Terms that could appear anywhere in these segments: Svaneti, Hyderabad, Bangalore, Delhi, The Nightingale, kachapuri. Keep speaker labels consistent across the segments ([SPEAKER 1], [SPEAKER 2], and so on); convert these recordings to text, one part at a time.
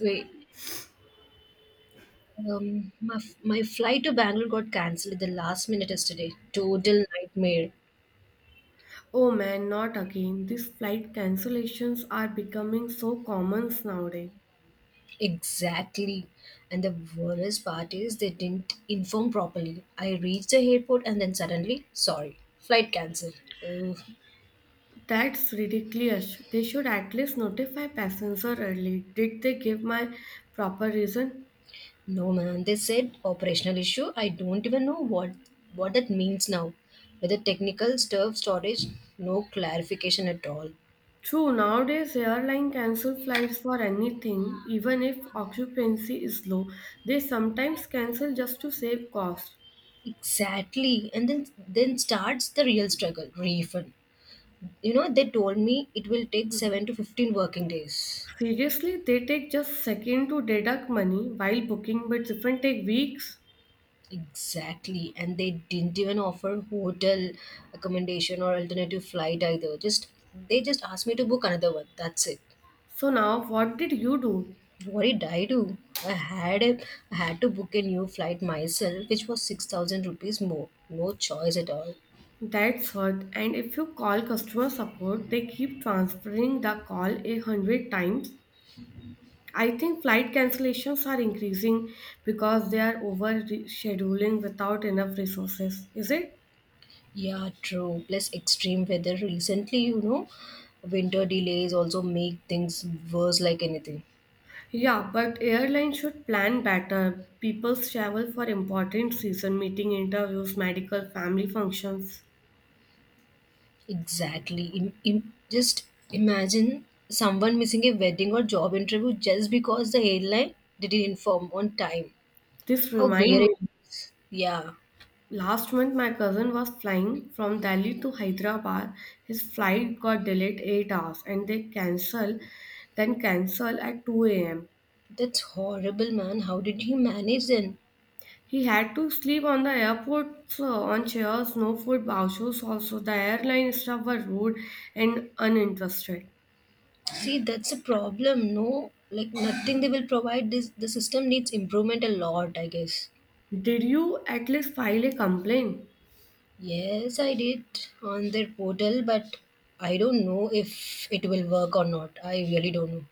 [SPEAKER 1] Wait, my flight to Bangalore got cancelled at the last minute yesterday. Total nightmare.
[SPEAKER 2] Oh man, not again. These flight cancellations are becoming so common nowadays.
[SPEAKER 1] Exactly. And the worst part is they didn't inform properly. I reached the airport and then suddenly, sorry, flight cancelled. Ugh.
[SPEAKER 2] That's ridiculous. They should at least notify passenger early. Did they give my proper reason?
[SPEAKER 1] No man, they said operational issue. I don't even know what that means now. Whether technical stuff, storage, no clarification at all.
[SPEAKER 2] True, nowadays airline cancel flights for anything, even if occupancy is low. They sometimes cancel just to save cost.
[SPEAKER 1] Exactly. And then starts the real struggle, refund. You know, they told me it will take 7 to 15 working days.
[SPEAKER 2] Seriously, they take just second to deduct money while booking, but different take weeks.
[SPEAKER 1] Exactly, and they didn't even offer hotel accommodation or alternative flight either. Just they just asked me to book another one, that's it.
[SPEAKER 2] So now, what did you do?
[SPEAKER 1] What did I do? i had a, I had to book a new flight myself, which was 6,000 rupees more. No choice at all.
[SPEAKER 2] That's hurt. And if you call customer support, they keep transferring the call a hundred times. I think flight cancellations are increasing because they are over scheduling without enough resources. Is it?
[SPEAKER 1] Yeah, true. Plus extreme weather recently, you know, winter delays also make things worse like anything.
[SPEAKER 2] Yeah, but airlines should plan better. People travel for important season meeting interviews, medical, family functions.
[SPEAKER 1] Exactly. Just imagine someone missing a wedding or job interview just because the airline didn't inform on time.
[SPEAKER 2] This
[SPEAKER 1] How
[SPEAKER 2] remind
[SPEAKER 1] weird.
[SPEAKER 2] me.
[SPEAKER 1] Yeah,
[SPEAKER 2] Last month, my cousin was flying from Delhi to Hyderabad. His flight got delayed 8 hours and they cancel, then cancel at 2 a.m.
[SPEAKER 1] that's horrible, man. How did he manage then?
[SPEAKER 2] He had to sleep on the airport so on chairs, no food, vouchers also. The airline staff were rude and uninterested.
[SPEAKER 1] See, that's a problem. No, like nothing they will provide. This, the system needs improvement a lot, I guess.
[SPEAKER 2] Did you at least file a complaint?
[SPEAKER 1] Yes, I did, on their portal, but I don't know if it will work or not. I really don't know.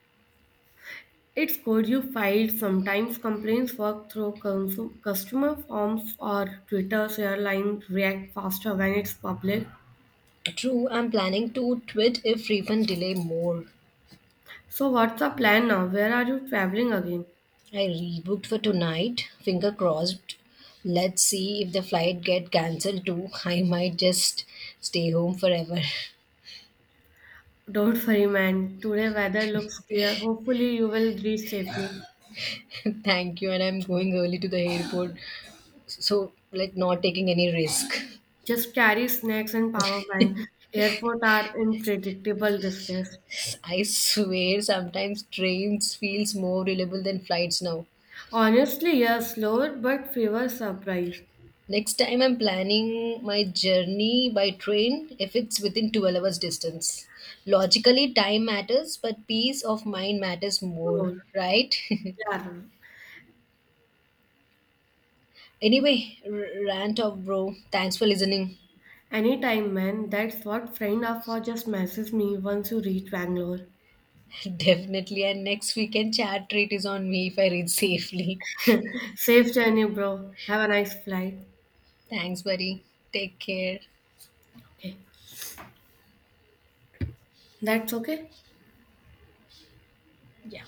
[SPEAKER 2] It's good you filed. Sometimes complaints work through customer forms or Twitter's airline react faster when it's public.
[SPEAKER 1] True, I'm planning to tweet if refund delay more.
[SPEAKER 2] So what's the plan now? Where are you traveling again?
[SPEAKER 1] I rebooked for tonight. Finger crossed. Let's see if the flight get cancelled too. I might just stay home forever.
[SPEAKER 2] Don't worry, man. Today weather looks clear. Hopefully you will reach safely.
[SPEAKER 1] Thank you, and I'm going early to the airport. So like not taking any risk.
[SPEAKER 2] Just carry snacks and power bank. Airport are unpredictable these days.
[SPEAKER 1] I swear sometimes trains feels more reliable than flights now.
[SPEAKER 2] Honestly, yeah, slower but fewer surprise.
[SPEAKER 1] Next time I'm planning my journey by train if it's within 12 hours distance. Logically time matters, but peace of mind matters more,
[SPEAKER 2] More.
[SPEAKER 1] right?
[SPEAKER 2] Yeah.
[SPEAKER 1] Anyway, rant of bro. Thanks for listening.
[SPEAKER 2] Anytime, man. That's what friend are for. Just message me once you reach Bangalore.
[SPEAKER 1] Definitely. And next weekend chat treat is on me if I read safely.
[SPEAKER 2] Safe journey, bro. Have a nice flight.
[SPEAKER 1] Thanks, buddy. Take care.
[SPEAKER 2] Okay. That's okay.
[SPEAKER 1] Yeah.